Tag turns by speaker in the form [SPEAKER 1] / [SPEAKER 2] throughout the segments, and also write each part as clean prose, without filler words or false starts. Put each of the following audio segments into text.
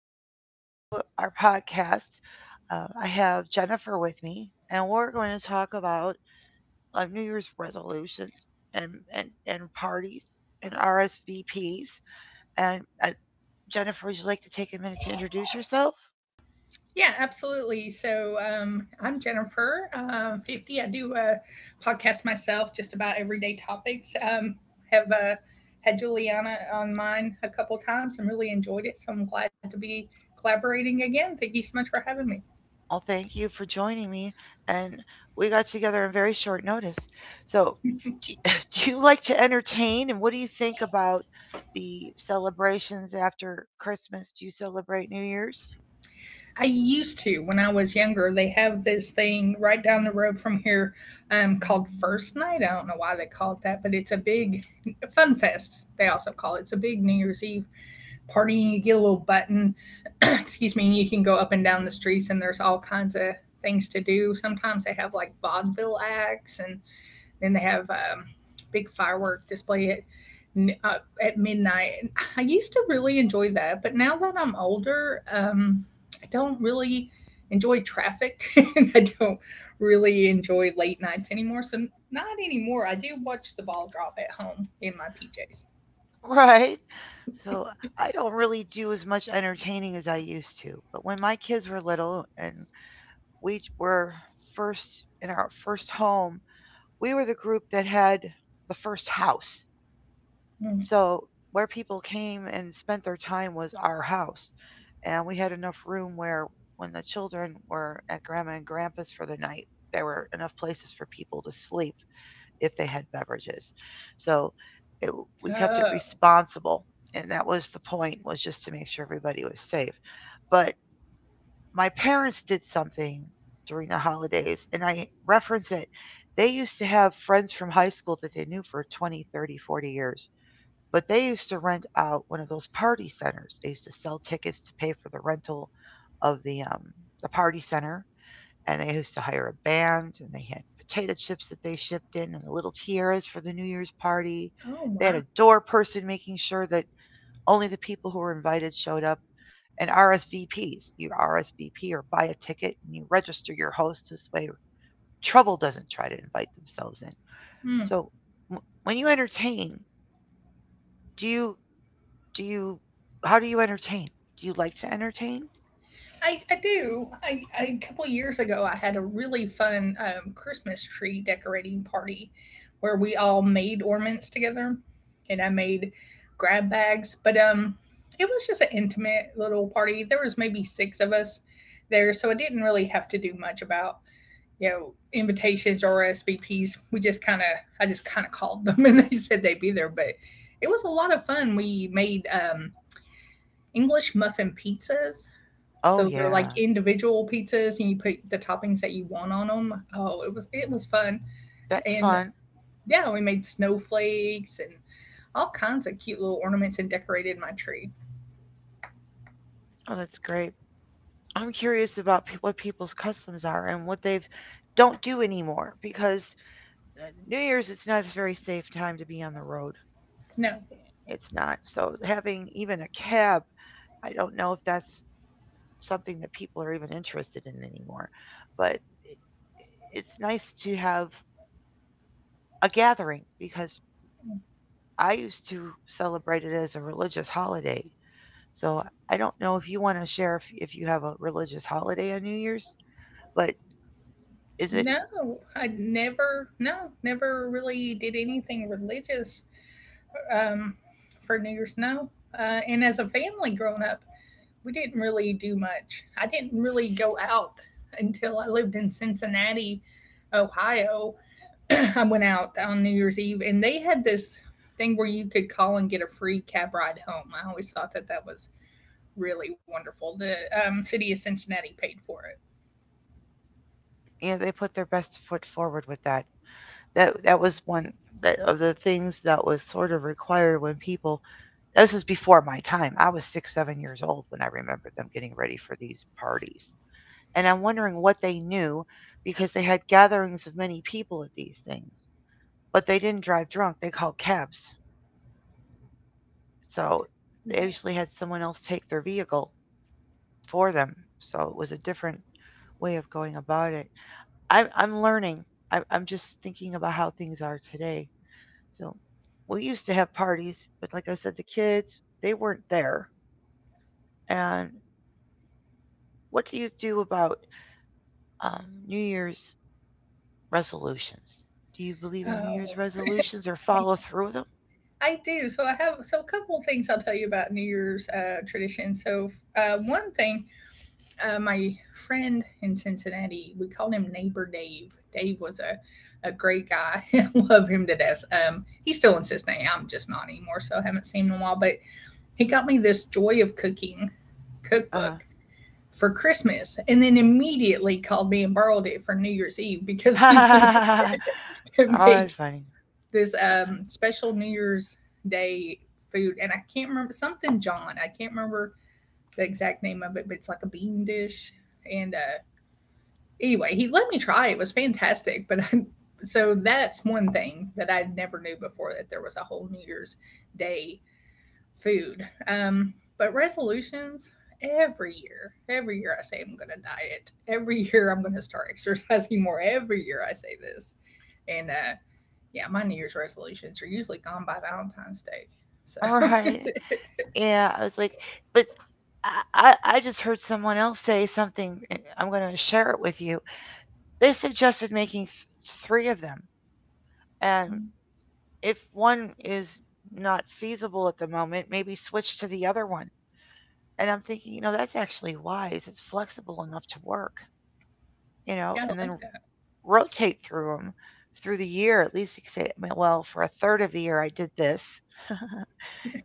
[SPEAKER 1] and welcome to our podcast. I have Jennifer with me, and we're going to talk about New Year's resolutions and, and parties and RSVPs. And Jennifer, would you like to take a minute to introduce yourself?
[SPEAKER 2] Yeah, absolutely. So I'm Jennifer, 50. I do a podcast myself just about everyday topics. Have had Juliana on mine a couple times and really enjoyed it. So I'm glad to be collaborating again. Thank you so much for having me.
[SPEAKER 1] Well, thank you for joining me. And we got together on very short notice. So, do, you, do you like to entertain? And what do you think about the celebrations after Christmas? Do you celebrate New Year's?
[SPEAKER 2] I used to, when I was younger, they have this thing right down the road from here called First Night. I don't know why they call it that, but it's a big fun fest, they also call it. It's a big New Year's Eve partying. You get a little button, excuse me, and you can go up and down the streets, and there's all kinds of things to do. Sometimes they have like vaudeville acts, and then they have big firework display uh, at midnight. And I used to really enjoy that, but now that I'm older, I don't really enjoy traffic, and I don't really enjoy late nights anymore. So not anymore. I do watch the ball drop at home in my PJs.
[SPEAKER 1] Right. So, I don't really do as much entertaining as I used to. But when my kids were little and we were first in our first home, we were the group that had the first house.
[SPEAKER 2] Mm.
[SPEAKER 1] So where people came and spent their time was our house. And we had enough room where when the children were at grandma and grandpa's for the night, there were enough places for people to sleep if they had beverages. So it, we kept it
[SPEAKER 2] Oh.
[SPEAKER 1] responsible. And that was the point, was just to make sure everybody was safe. But my parents did something during the holidays and I reference it. They used to have friends from high school that they knew for 20, 30, 40 years, but they used to rent out one of those party centers. They used to sell tickets to pay for the rental of the party center, and they used to hire a band, and they had potato chips that they shipped in, and the little tiaras for the New Year's party.
[SPEAKER 2] Oh,
[SPEAKER 1] They had
[SPEAKER 2] wow.
[SPEAKER 1] a door person making sure that only the people who were invited showed up, and RSVPs. You RSVP or buy a ticket, and you register your host this way. Trouble doesn't try to invite themselves in.
[SPEAKER 2] Hmm.
[SPEAKER 1] So, when you entertain, do you Do you how do you entertain? Do you like to entertain?
[SPEAKER 2] I do. I a couple years ago, I had a really fun Christmas tree decorating party where we all made ornaments together, and I made grab bags. But it was just an intimate little party. There was maybe six of us there, so I didn't really have to do much about, you know, invitations or SVPs. We just kind of I just kind of called them, and they said they'd be there. But it was a lot of fun. We made um, English muffin pizzas,
[SPEAKER 1] Oh
[SPEAKER 2] so they're
[SPEAKER 1] yeah.
[SPEAKER 2] like individual pizzas, and you put the toppings that you want on them. Oh, it was fun,
[SPEAKER 1] That's
[SPEAKER 2] and
[SPEAKER 1] fun.
[SPEAKER 2] yeah, we made snowflakes and all kinds of cute little ornaments and decorated my tree.
[SPEAKER 1] Oh, that's great. I'm curious about what people's customs are and what they've don't do anymore, because New Year's, it's not a very safe time to be on the road.
[SPEAKER 2] No,
[SPEAKER 1] It's not. So having even a cab, I don't know if that's something that people are even interested in anymore. But it's nice to have a gathering, because I used to celebrate it as a religious holiday. So I don't know if you want to share, if you have a religious holiday on New Year's, but is it?
[SPEAKER 2] No, I never, no, never really did anything religious um, for New Year's. No, and as a family growing up, we didn't really do much. I didn't really go out until I lived in Cincinnati, Ohio. I went out on New Year's Eve and they had this thing where you could call and get a free cab ride home. I always thought that that was really wonderful. The city of Cincinnati paid for it.
[SPEAKER 1] You know, they put their best foot forward with that. That was one that, of the things that was sort of required when people. This was before my time. I was six seven years old when I remember them getting ready for these parties, and I'm wondering what they knew, because they had gatherings of many people at these things, but they didn't drive drunk. They called cabs, so they
[SPEAKER 2] Yeah.
[SPEAKER 1] usually had someone else take their vehicle for them. So it was a different way of going about it. I'm learning. I'm just thinking about how things are today. So we used to have parties, but like I said, the kids, they weren't there. And what do you do about um, New Year's resolutions? Do you believe in New Year's
[SPEAKER 2] Oh,
[SPEAKER 1] resolutions or
[SPEAKER 2] I,
[SPEAKER 1] follow through with them?
[SPEAKER 2] I do. So I have so a couple of things I'll tell you about New Year's tradition. So one thing, my friend in Cincinnati, we called him Neighbor Dave. Dave was a great guy. I love him to death. He still insists now. I'm just not anymore, so I haven't seen him in a while. But he got me this Joy of Cooking
[SPEAKER 1] Uh huh.
[SPEAKER 2] cookbook for Christmas and then immediately called me and borrowed it for New Year's Eve because he wanted
[SPEAKER 1] Oh,
[SPEAKER 2] to
[SPEAKER 1] that's
[SPEAKER 2] make
[SPEAKER 1] funny.
[SPEAKER 2] this special New Year's Day food. And I can't remember something John. I can't remember the exact name of it, but it's like a bean dish. And anyway, he let me try. It was fantastic. But I, so that's one thing that I never knew before that there was a whole New Year's Day food. But resolutions every year I say I'm going to diet. Every year I'm going to start exercising more. Every year I say this, and yeah, my New Year's resolutions are usually gone by Valentine's Day. So
[SPEAKER 1] All right. Yeah, I was like, but I just heard someone else say something. And I'm going to share it with you. They suggested making three of them, and if one is not feasible at the moment, maybe switch to the other one. And I'm thinking, that's actually wise. It's flexible enough to work,
[SPEAKER 2] yeah, I
[SPEAKER 1] and
[SPEAKER 2] don't
[SPEAKER 1] then
[SPEAKER 2] like that.
[SPEAKER 1] rotate through them through the year. At least you could say, "Well, for a third of the year, I did this.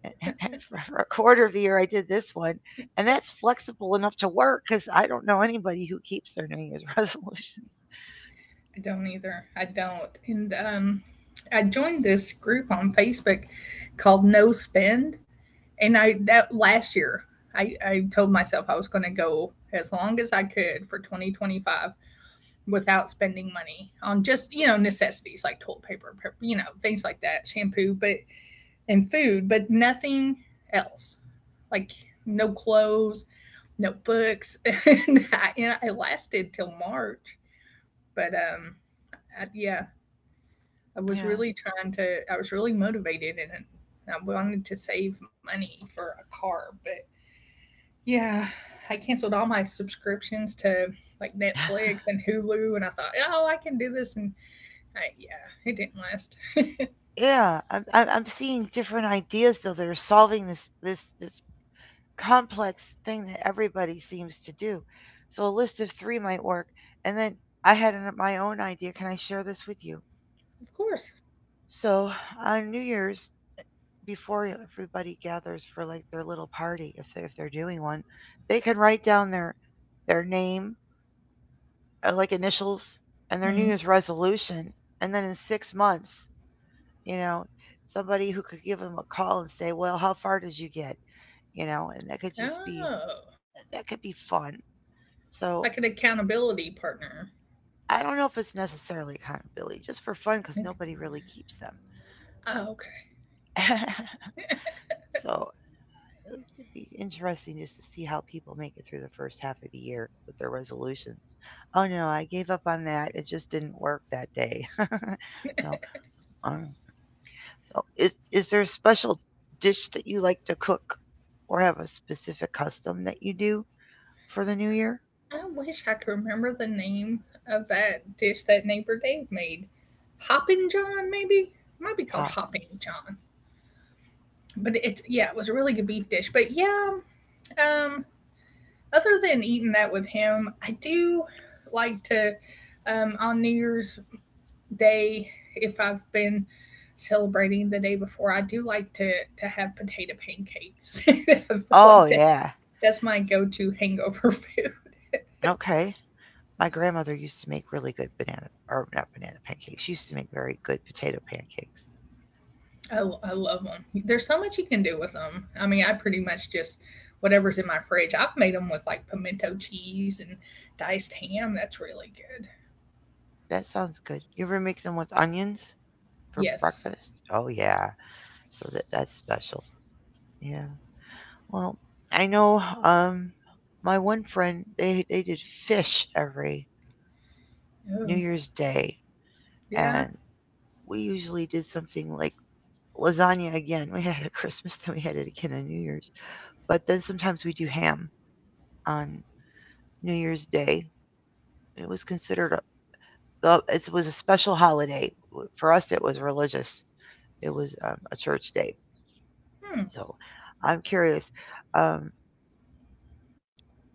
[SPEAKER 1] For a quarter of the year, I did this one. And that's flexible enough to work, because I don't know anybody who keeps their New Year's resolution."
[SPEAKER 2] I don't either. I don't. And I joined this group on Facebook called No Spend, and I that last year I told myself I was going to go as long as I could for 2025 without spending money on just, you know, necessities like toilet paper, you know, things like that, shampoo, but and food but nothing else like no clothes, no books, and I, you know, it lasted till March, but I, yeah, I was
[SPEAKER 1] Yeah.
[SPEAKER 2] really trying to, I was really motivated, and I wanted to save money for a car, but yeah, I canceled all my subscriptions to like Netflix and Hulu, and I thought, oh, I can do this in I, yeah, it didn't last.
[SPEAKER 1] Yeah, I'm seeing different ideas though that are solving this complex thing that everybody seems to do. So a list of three might work. And then I had my own idea. Can I share this with you?
[SPEAKER 2] Of course.
[SPEAKER 1] So on New Year's, before everybody gathers for like their little party, if they're doing one, they can write down their name, like initials, and their New
[SPEAKER 2] Hmm.
[SPEAKER 1] Year's resolution. And then in 6 months, you know, somebody who could give them a call and say, "Well, how far did you get?" And
[SPEAKER 2] Oh,
[SPEAKER 1] that could be fun. So
[SPEAKER 2] like an accountability partner.
[SPEAKER 1] I don't know if it's necessarily accountability, just for fun, because
[SPEAKER 2] Like,
[SPEAKER 1] nobody really keeps them.
[SPEAKER 2] oh, okay.
[SPEAKER 1] So it would be interesting just to see how people make it through the first half of the year with their resolutions. Oh no, I gave up on that. It just didn't work that day. so, um, so is there a special dish that you like to cook, or have a specific custom that you do for the new year?
[SPEAKER 2] I wish I could remember the name of that dish that neighbor Dave made. Hoppin' John, maybe? It might be called
[SPEAKER 1] Pop.
[SPEAKER 2] Hoppin' John. But it's, yeah, it was a really good beef dish. Um, other than eating that with him, I do like to on New Year's day if I've been celebrating the day before, I do like to have potato pancakes. I feel
[SPEAKER 1] Oh
[SPEAKER 2] like that
[SPEAKER 1] yeah.
[SPEAKER 2] that's my go-to hangover food.
[SPEAKER 1] Okay. My grandmother used to make really good banana, or not banana pancakes. She used to make very good potato pancakes.
[SPEAKER 2] I love them. There's so much you can do with them. I mean, I pretty much just whatever's in my fridge. I've made them with like pimento cheese and diced ham. That's really good.
[SPEAKER 1] That sounds good. You ever make them with onions for
[SPEAKER 2] Yes.
[SPEAKER 1] breakfast? Oh yeah. So that's special. Yeah. Well, I know my one friend, they did fish every New
[SPEAKER 2] Oh,
[SPEAKER 1] Year's Day,
[SPEAKER 2] yeah.
[SPEAKER 1] and we usually did something like lasagna again. We had it at Christmas, then we had it again on New Year's. But then sometimes we do ham on New Year's Day. It was considered a, it was a special holiday. For us, it was religious. It was a church day.
[SPEAKER 2] Hmm.
[SPEAKER 1] So I'm curious, um,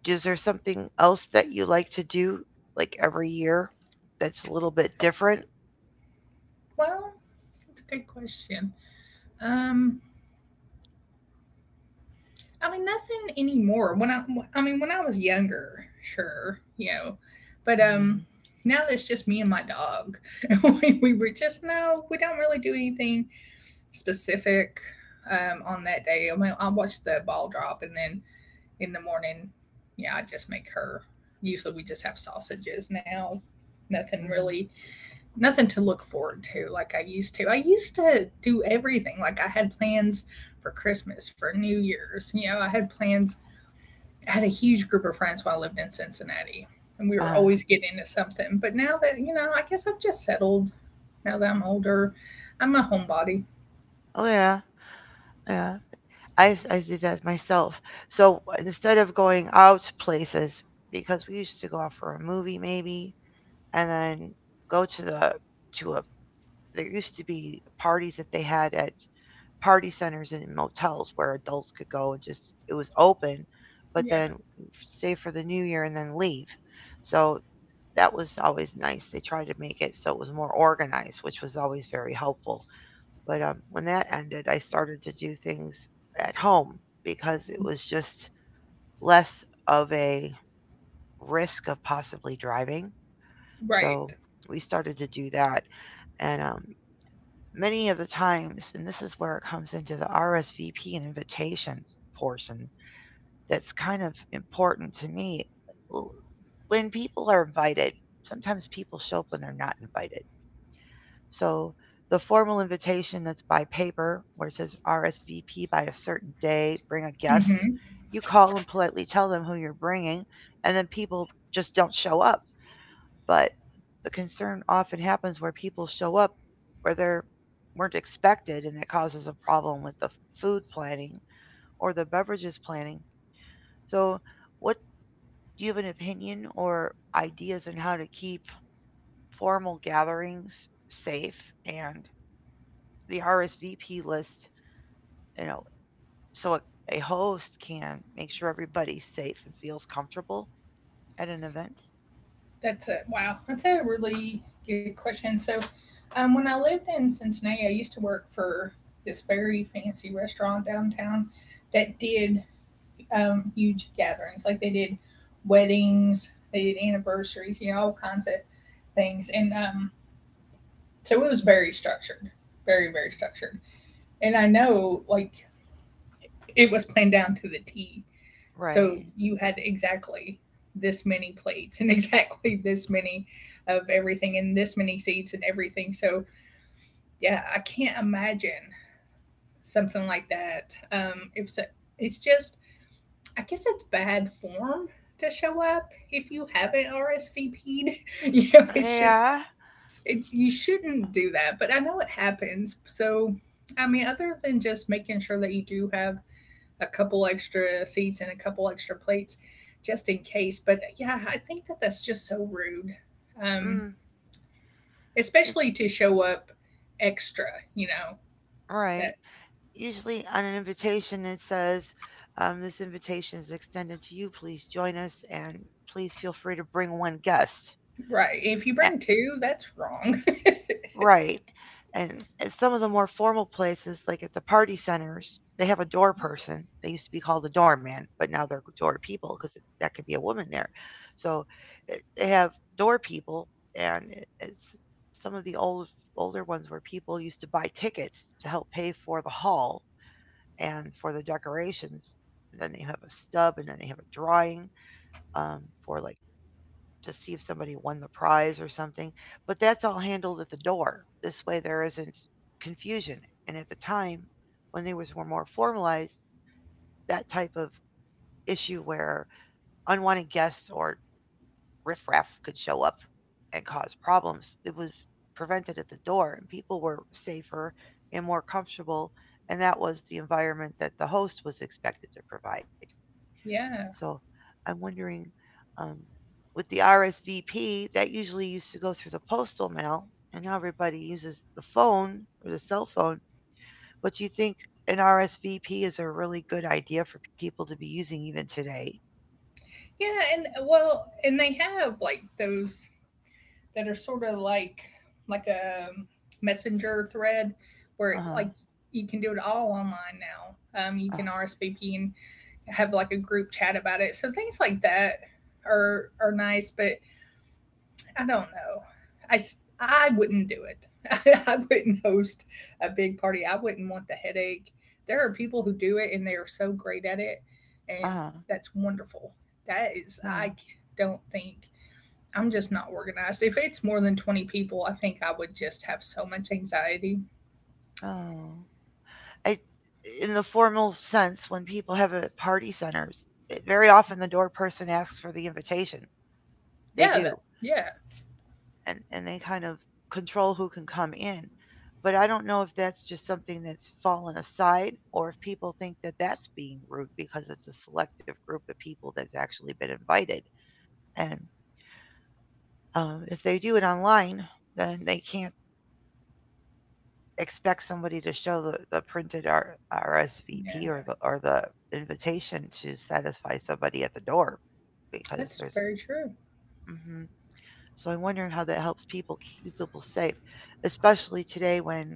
[SPEAKER 1] is there something else that you like to do, like every year, that's a little bit different?
[SPEAKER 2] Well, that's a good question. Um, I mean, nothing anymore. I mean, when I was younger, sure, you know, but
[SPEAKER 1] Mm-hmm.
[SPEAKER 2] now that's just me and my dog. We were just no, we don't really do anything specific on that day. I mean, I watch the ball drop, and then in the morning, yeah, I just make her. Usually, we just have sausages now. Nothing
[SPEAKER 1] Mm-hmm.
[SPEAKER 2] really nothing to look forward to like I used to. I used to do everything. Like I had plans for Christmas, for New Year's. You know, I had plans. I had a huge group of friends when I lived in Cincinnati, and we were
[SPEAKER 1] Uh-huh.
[SPEAKER 2] always getting into something. But now that, you know, I guess I've just settled now that I'm older. I'm a homebody.
[SPEAKER 1] Oh yeah, yeah. I did that myself. So instead of going out places, because we used to go out for a movie maybe, and then go to the to a there used to be parties that they had at party centers and in motels where adults could go, and just it was open, but
[SPEAKER 2] Yeah,
[SPEAKER 1] then stay for the new year and then leave. So that was always nice. They tried to make it so it was more organized, which was always very helpful. But when that ended, I started to do things at home, because it was just less of a risk of possibly driving.
[SPEAKER 2] right.
[SPEAKER 1] So we started to do that, and many of the times, and this is where it comes into the RSVP and invitation portion that's kind of important to me. When people are invited, sometimes people show up when they're not invited. So the formal invitation that's by paper, where it says RSVP by a certain day, bring a guest,
[SPEAKER 2] Hmm.
[SPEAKER 1] you call and politely tell them who you're bringing, and then people just don't show up, but the concern often happens where people show up where they weren't expected, and that causes a problem with the food planning or the beverages planning. So, what, do you have an opinion or ideas on how to keep formal gatherings safe and the RSVP list, you know, so a host can make sure everybody's safe and feels comfortable at an event?
[SPEAKER 2] That's it. Wow. That's a really good question. So, when I lived in Cincinnati, I used to work for this very fancy restaurant downtown that did huge gatherings. Like they did weddings, they did anniversaries, you know, all kinds of things. And so it was very structured, very structured. And I know like it was planned down to the T. So
[SPEAKER 1] Right.
[SPEAKER 2] you had exactly this many plates and exactly this many of everything and this many seats and everything. So yeah, I can't imagine something like that. If so, it's just I guess it's bad form to show up if you haven't RSVP'd. You know, it's just
[SPEAKER 1] Yeah.
[SPEAKER 2] it, you shouldn't do that, but I know it happens. So, I mean, other than just making sure that you do have a couple extra seats and a couple extra plates just in case, but yeah, I think that that's just so rude. Um,
[SPEAKER 1] Mm, it,
[SPEAKER 2] especially to show up extra, you know.
[SPEAKER 1] right.
[SPEAKER 2] That
[SPEAKER 1] Usually on an invitation it says, this invitation is extended to you, please join us, and please feel free to bring one guest.
[SPEAKER 2] right. If you
[SPEAKER 1] A-
[SPEAKER 2] bring two, that's wrong.
[SPEAKER 1] right. And at some of the more formal places, like at the party centers, they have a door person. They used to be called a doorman, but now they're door people, because that could be a woman there. So they have door people. And it's some of the older ones where people used to buy tickets to help pay for the hall and for the decorations. And then they have a stub, and then they have a drawing, um, for like to see if somebody won the prize or something. But that's all handled at the door. This way, there isn't confusion. And at the time, when they was were more formalized, that type of issue where unwanted guests or riffraff could show up and cause problems, it was prevented at the door, and people were safer and more comfortable. And that was the environment that the host was expected to provide.
[SPEAKER 2] Yeah.
[SPEAKER 1] So I'm wondering, um, with the RSVP, that usually used to go through the postal mail, and now everybody uses the phone or the cell phone. But do you think an RSVP is a really good idea for people to be using even today?
[SPEAKER 2] Yeah, and well, and they have like those that are sort of like a messenger thread where
[SPEAKER 1] Uh huh.
[SPEAKER 2] like you can do it all online now. You
[SPEAKER 1] Uh
[SPEAKER 2] can RSVP and have like a group chat about it. So things like that are nice, but I don't know. I wouldn't do it. I wouldn't host a big party. I wouldn't want the headache. There are people who do it and they are so great at it, and
[SPEAKER 1] huh.
[SPEAKER 2] that's wonderful. That is,
[SPEAKER 1] Oh.
[SPEAKER 2] don't think I'm just not organized. If it's more than 20 people, I think I would just have so much anxiety.
[SPEAKER 1] Oh. I, in the formal sense, when people have a party centers, very often the door person asks for the invitation. They
[SPEAKER 2] Yeah,
[SPEAKER 1] do.
[SPEAKER 2] that, yeah,
[SPEAKER 1] And they kind of control who can come in. But I don't know if that's just something that's fallen aside or if people think that that's being rude because it's a selective group of people that's actually been invited. And if they do it online, then they can't expect somebody to show the printed
[SPEAKER 2] yeah.
[SPEAKER 1] RSVP or the invitation to satisfy somebody at the door because
[SPEAKER 2] That's
[SPEAKER 1] there's.
[SPEAKER 2] very true.
[SPEAKER 1] Hmm. So I'm wondering how that helps people keep people safe, especially today when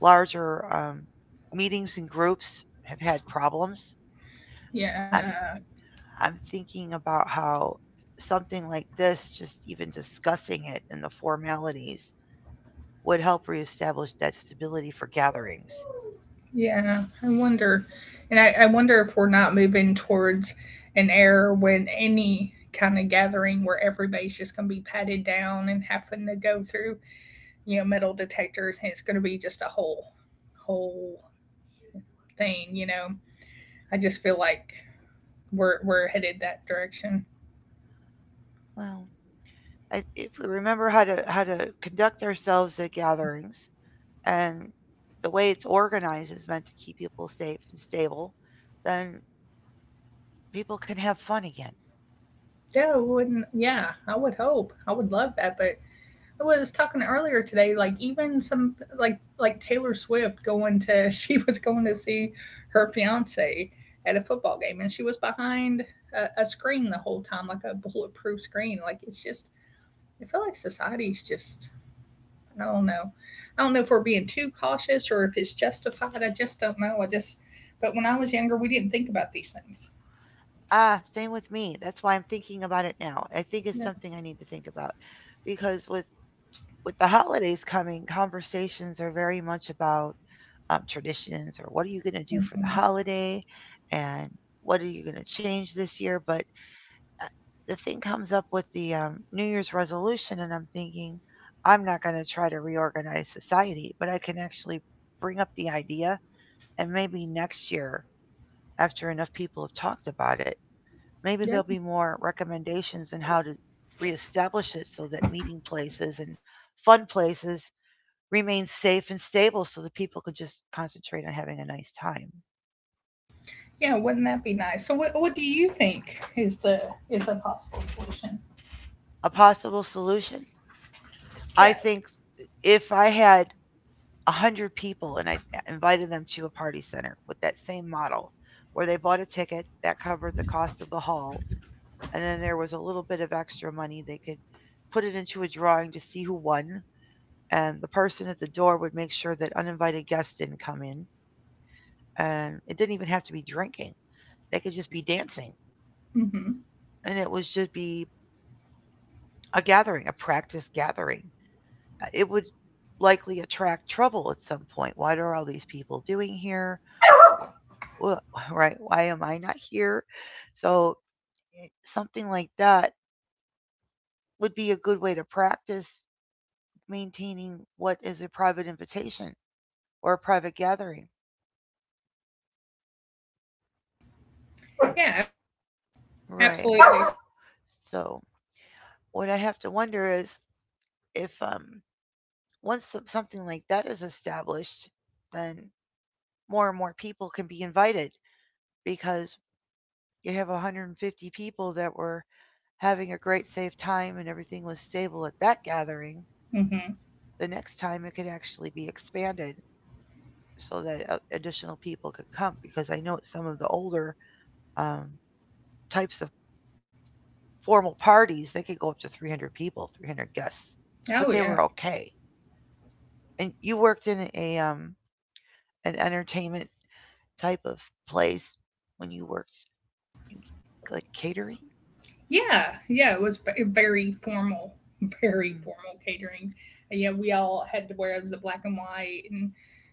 [SPEAKER 1] larger meetings and groups have had problems.
[SPEAKER 2] Yeah.
[SPEAKER 1] I'm I'm thinking about how something like this, just even discussing it and the formalities, would help reestablish that stability for gatherings.
[SPEAKER 2] Yeah, I wonder, I wonder if we're not moving towards an era when any kind of gathering where everybody's just going to be patted down and having to go through, you know, metal detectors, and it's going to be just a whole thing. You know, I just feel like we're headed that direction.
[SPEAKER 1] Well, I, if we remember how to conduct ourselves at gatherings and the way it's organized is meant to keep people safe and stable, then people can have fun again.
[SPEAKER 2] Yeah, I wouldn't. Yeah, I would hope. I would love that. But I was talking earlier today, like even some like Taylor Swift going to she was going to see her fiance at a football game, and she was behind a screen the whole time, like a bulletproof screen. Like it's just, I feel like society's just, I don't know. I don't know if we're being too cautious or if it's justified. I just don't know. I just, but when I was younger, we didn't think about these things.
[SPEAKER 1] Ah, same with me. That's why I'm thinking about it now. I think it's
[SPEAKER 2] Yes.
[SPEAKER 1] something I need to think about because with the holidays coming, conversations are very much about traditions or what are you going to do for the
[SPEAKER 2] Mhm.
[SPEAKER 1] holiday, and what are you going to change this year. But uh, the thing comes up with the New Year's resolution, and I'm thinking I'm not going to try to reorganize society, but I can actually bring up the idea, and maybe next year, after enough people have talked about it, maybe there'll be more recommendations on how to reestablish it so that meeting places and fun places remain safe and stable so that people could just concentrate on having a nice time.
[SPEAKER 2] Yeah, wouldn't that be nice? So, what do you think is the is a possible solution?
[SPEAKER 1] A possible solution? I
[SPEAKER 2] Yes.
[SPEAKER 1] think if I had a 100 people and I invited them to a party center with that same model where they bought a ticket that covered the cost of the hall and then there was a little bit of extra money, they could put it into a drawing to see who won, and the person at the door would make sure that uninvited guests didn't come in. And it didn't even have to be drinking, they could just be dancing.
[SPEAKER 2] Hmm.
[SPEAKER 1] And it would just be a gathering, a practice gathering. It would likely attract trouble at some point. What are all these people doing here? Wha- Right? Why am I not here? So, eh, something like that would be a good way to practice maintaining what is a private invitation or a private gathering.
[SPEAKER 2] Yeah,
[SPEAKER 1] Right.
[SPEAKER 2] absolutely.
[SPEAKER 1] So, what I have to wonder is if once something like that is established, then more and more people can be invited because you have 150 people that were having a great safe time and everything was stable at that gathering.
[SPEAKER 2] Hmm.
[SPEAKER 1] The next time it could actually be expanded so that additional people could come because I know at some of the older um, types of formal parties, they could go up to 300 people, 300 guests, but
[SPEAKER 2] Oh
[SPEAKER 1] they
[SPEAKER 2] yeah,
[SPEAKER 1] were okay. And you worked in a an entertainment type of place when you worked in like catering?
[SPEAKER 2] yeah, yeah. It was very formal, very formal catering. Yeah, we all had to wear the black and white, and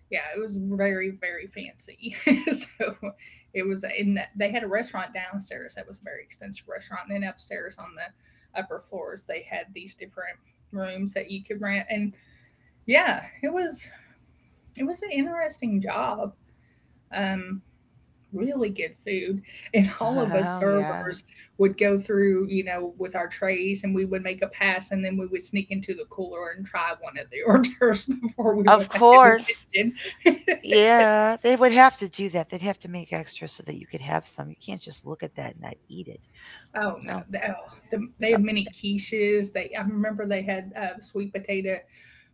[SPEAKER 2] yeah, it was very fancy. So it was in they had a restaurant downstairs that was a very expensive restaurant, and then upstairs on the upper floors they had these different rooms that you could rent and yeah, it was an interesting job. Um, Really good food, and all of us
[SPEAKER 1] Mm-hmm. Oh, yeah.
[SPEAKER 2] servers would go through, with our trays, and we would make a pass, and then we would sneak into the cooler and try one of the hors d'oeuvres before we
[SPEAKER 1] Of
[SPEAKER 2] went back in the
[SPEAKER 1] course.
[SPEAKER 2] kitchen.
[SPEAKER 1] Yeah, they would have to do that. They'd have to make extra so that you could have some. You can't just look at that and not eat it.
[SPEAKER 2] Oh no,
[SPEAKER 1] Oh,
[SPEAKER 2] they
[SPEAKER 1] no.
[SPEAKER 2] had many quiches. They I remember they had sweet potato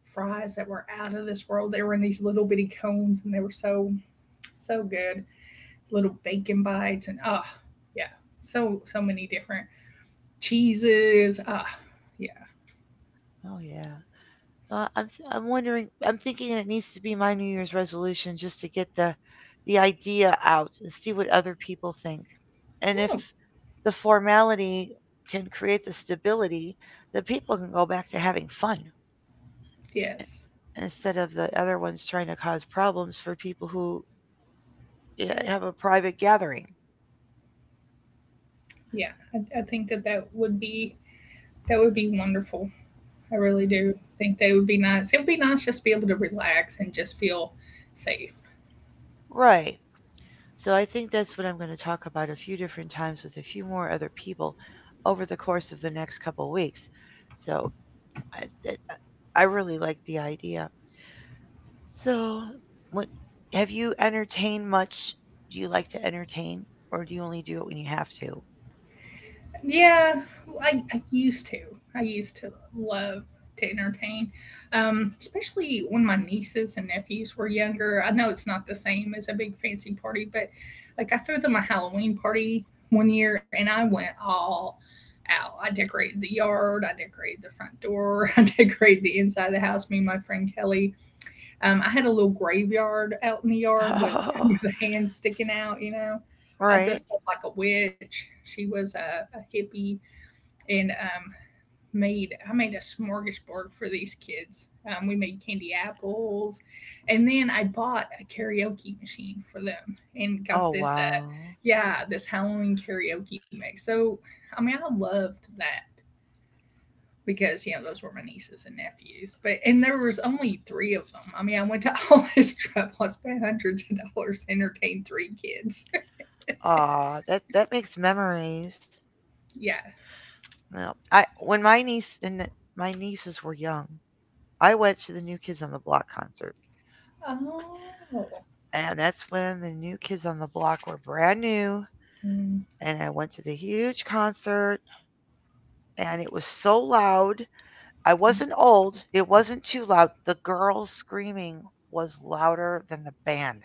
[SPEAKER 2] fries that were out of this world. They were in these little bitty cones, and they were so good. Little bacon bites and yeah, so many different cheeses. Oh, yeah,
[SPEAKER 1] Oh, yeah. I'm wondering. I'm thinking it needs to be my New Year's resolution just to get the idea out and see what other people think, and if
[SPEAKER 2] yeah,
[SPEAKER 1] the formality can create the stability, that people can go back to having fun i-
[SPEAKER 2] yes,
[SPEAKER 1] instead of the other ones trying to cause problems for people who, yeah, have a private gathering.
[SPEAKER 2] yeah. I think that that would be wonderful. I really do
[SPEAKER 1] Hmm.
[SPEAKER 2] think that would be nice. It would be nice just to be able to relax and just feel safe.
[SPEAKER 1] Right. So I think that's what I'm going to talk about a few different times with a few more other people over the course of the next couple weeks. So I, I really like the idea. So, what have you entertained much? Do you like to entertain, or do you only do it when you have to?
[SPEAKER 2] Yeah, well, I used to. I used to love to entertain, especially when my nieces and nephews were younger. I know it's not the same as a big fancy party, but like I threw them a Halloween party one year and I went all out. I decorated the yard, I decorated the front door, I decorated the inside of the house, me and my friend Kelly. I had a little graveyard out in the yard with with a hand sticking out. You know, I
[SPEAKER 1] Right.
[SPEAKER 2] dressed up like a witch. She was a hippie, and made I made a smorgasbord for these kids. We made candy apples, and then I bought a karaoke machine for them and got
[SPEAKER 1] Oh
[SPEAKER 2] this.
[SPEAKER 1] wow.
[SPEAKER 2] Yeah, this Halloween karaoke mix. So I mean, I loved that because you know those were my nieces and nephews. But and there was only three of them. I mean, I went to all this trouble. I spent hundreds of dollars to entertain three kids.
[SPEAKER 1] Ah, that that makes memories.
[SPEAKER 2] Yeah.
[SPEAKER 1] No, I when my niece and my nieces were young, I went to the New Kids on the Block concert,
[SPEAKER 2] Oh.
[SPEAKER 1] and that's when the New Kids on the Block were brand new.
[SPEAKER 2] Mm.
[SPEAKER 1] And I went to the huge concert, and it was so loud, I wasn't old. It wasn't too loud. The girl screaming was louder than the band.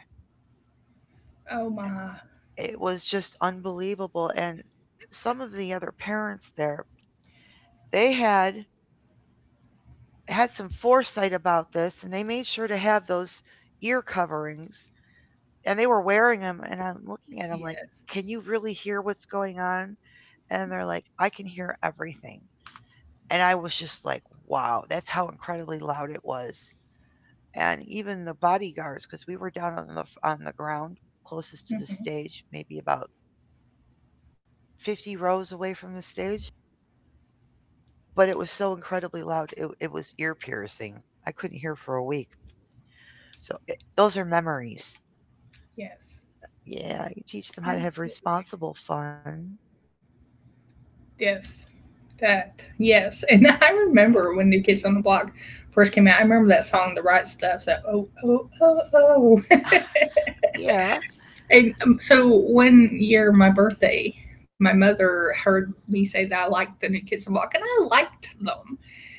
[SPEAKER 2] Oh my.
[SPEAKER 1] It was just unbelievable. And some of the other parents there, they had had some foresight about this and they made sure to have those ear coverings and they were wearing them. And I'm looking at them like,
[SPEAKER 2] Yes.
[SPEAKER 1] can you really hear what's going on? And they're like, I can hear everything. And I was just like, wow, that's how incredibly loud it was. And even the bodyguards, because we were down on the on the ground closest to the
[SPEAKER 2] Hmm.
[SPEAKER 1] stage maybe about 50 rows away from the stage, but it was so incredibly loud, it was ear piercing. I couldn't hear for a week. So those are memories.
[SPEAKER 2] Yes.
[SPEAKER 1] Yeah, you teach them how to have
[SPEAKER 2] Absolutely.
[SPEAKER 1] responsible fun.
[SPEAKER 2] Yes. That. Yes. And I remember when New Kids on the Block first came out. I remember that song, The Right Stuff. So oh oh oh oh.
[SPEAKER 1] Yeah.
[SPEAKER 2] And so one year, my birthday, my mother heard me say that I liked the New Kids on the Block, and I liked them.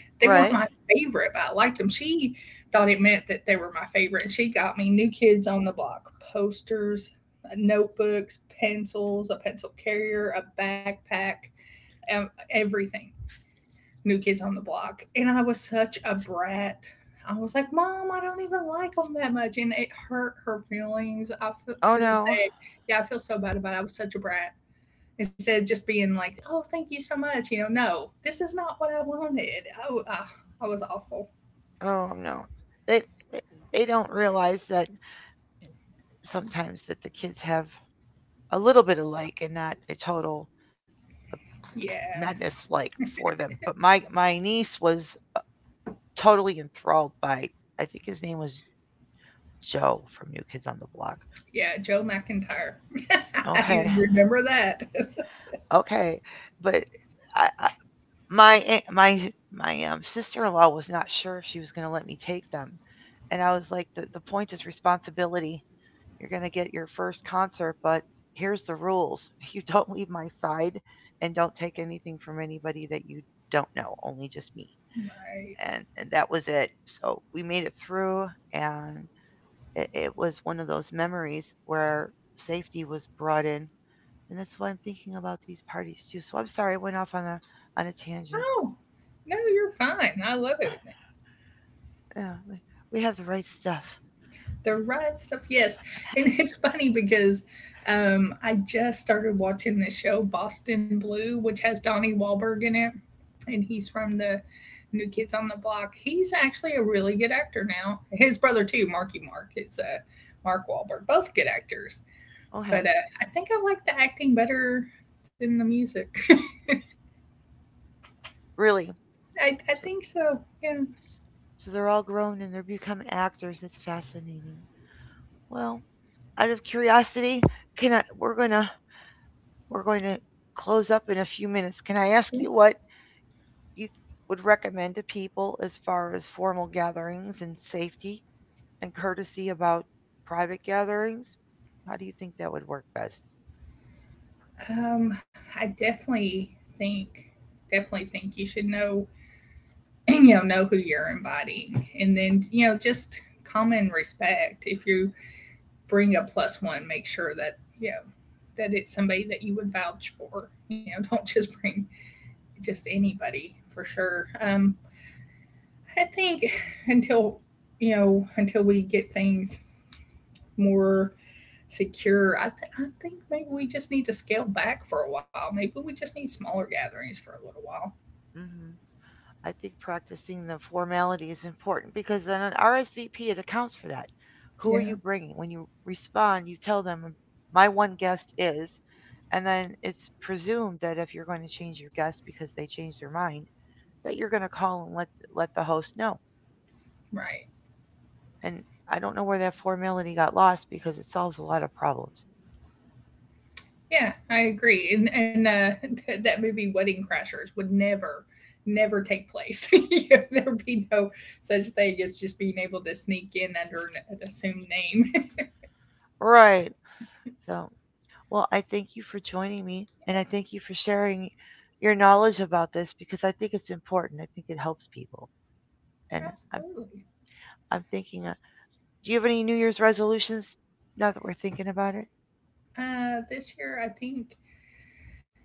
[SPEAKER 2] They weren't my
[SPEAKER 1] Right.
[SPEAKER 2] favorite, but I liked them. She thought it meant that they were my favorite, and she got me New Kids on the Block posters, notebooks, pencils, a pencil carrier, a backpack, everything. New Kids on the Block, and I was such a brat. I was like, "Mom, I don't even like them that much," and it hurt her feelings. I feel
[SPEAKER 1] Oh
[SPEAKER 2] to this
[SPEAKER 1] no.
[SPEAKER 2] day, yeah, I feel so bad about it. I was such a brat. Instead of just being like, "Oh, thank you so much," you know, no, this is not what I wanted. Oh, I was awful.
[SPEAKER 1] Oh no, they they they don't realize that sometimes that the kids have a little bit of like and not a total
[SPEAKER 2] Yeah,
[SPEAKER 1] madness like for them. But my niece was uh, totally enthralled by, I think his name was Joe, from New Kids on the Block.
[SPEAKER 2] yeah, Joe McIntyre. You
[SPEAKER 1] Okay,
[SPEAKER 2] remember that. It's
[SPEAKER 1] okay, but I, my my sister-in-law was not sure if she was going to let me take them, and I was like, the point is responsibility. You're going to get your first concert, but here's the rules: you don't leave my side, and don't take anything from anybody that you don't know. Only just me.
[SPEAKER 2] like,
[SPEAKER 1] And that was it. So we made it through, and it was one of those memories where safety was brought in, and that's why I'm thinking about these parties too. So I'm sorry I went off on a tangent.
[SPEAKER 2] oh, no, you're fine. I love it.
[SPEAKER 1] Yeah, we- have the right stuff.
[SPEAKER 2] The right stuff, yes. And it's funny because I just started watching this show, Boston Blue, which has Donnie Wahlberg in it. And he's from the New Kids on the Block. He's actually a really good actor now. His brother, too, Marky Mark, is Mark Wahlberg. Both good actors. But
[SPEAKER 1] Okay,
[SPEAKER 2] I think I like the acting better than the music.
[SPEAKER 1] really.
[SPEAKER 2] I
[SPEAKER 1] So
[SPEAKER 2] think so, yeah.
[SPEAKER 1] so they're all grown and they're become actors. It's fascinating. Well, out of curiosity, can I? We're going to close up in a few minutes. Can I ask you what you would recommend to people as far as formal gatherings and safety and courtesy about private gatherings? How do you think that would work best?
[SPEAKER 2] Um, I definitely think, definitely think you should know you know who you're inviting, and then you know just common respect. If you bring a plus one, make sure that you know that it's somebody that you would vouch for, you know. Don't just bring just anybody, for sure. I think until you know until we get things more secure, I think maybe we just need to scale back for a while. Maybe we just need smaller gatherings for a little while.
[SPEAKER 1] Hmm. I think practicing the formality is important because then an RSVP, it accounts for that. Who are
[SPEAKER 2] Yeah,
[SPEAKER 1] you bringing? When you respond, you tell them my one guest is, and then it's presumed that if you're going to change your guest because they changed their mind, that you're going to call and let the host know.
[SPEAKER 2] right.
[SPEAKER 1] And I don't know where that formality got lost because it solves a lot of problems.
[SPEAKER 2] Yeah, I agree. And that movie Wedding Crashers would never, never take place. You know, there'd be no such thing as just being able to sneak in under an assumed name.
[SPEAKER 1] Right. So, well, I thank you for joining me and I thank you for sharing your knowledge about this because I think it's important. I think it helps people. And I'm,
[SPEAKER 2] Absolutely.
[SPEAKER 1] I'm thinking, do you have any New Year's resolutions now that we're thinking about it?
[SPEAKER 2] This year,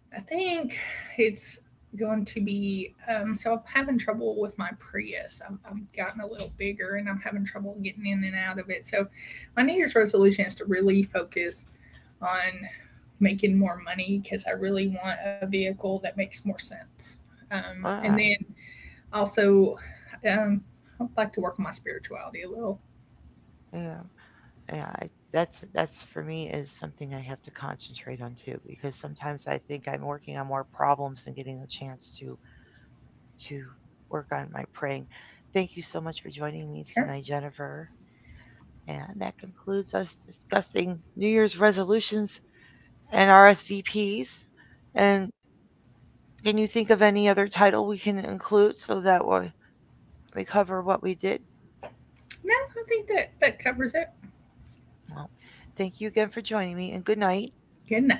[SPEAKER 2] I think it's going to be so I'm having trouble with my Prius. I'm gotten a little bigger and I'm having trouble getting in and out of it. So my New Year's resolution is to really focus on making more money because I really want a vehicle that makes more sense. And
[SPEAKER 1] Uh,
[SPEAKER 2] then also, um, I'd like to work on my spirituality a little.
[SPEAKER 1] yeah. Yeah. I, that's for me is something I have to concentrate on too because sometimes I think I'm working on more problems than getting a chance to work on my praying. Thank you so much for joining me
[SPEAKER 2] Sure.
[SPEAKER 1] tonight, Jennifer. And that concludes us discussing New Year's resolutions and RSVPs. And can you think of any other title we can include so that we cover what we did?
[SPEAKER 2] No, I think that that covers it.
[SPEAKER 1] Well, thank you again for joining me and good night.
[SPEAKER 2] Good enough.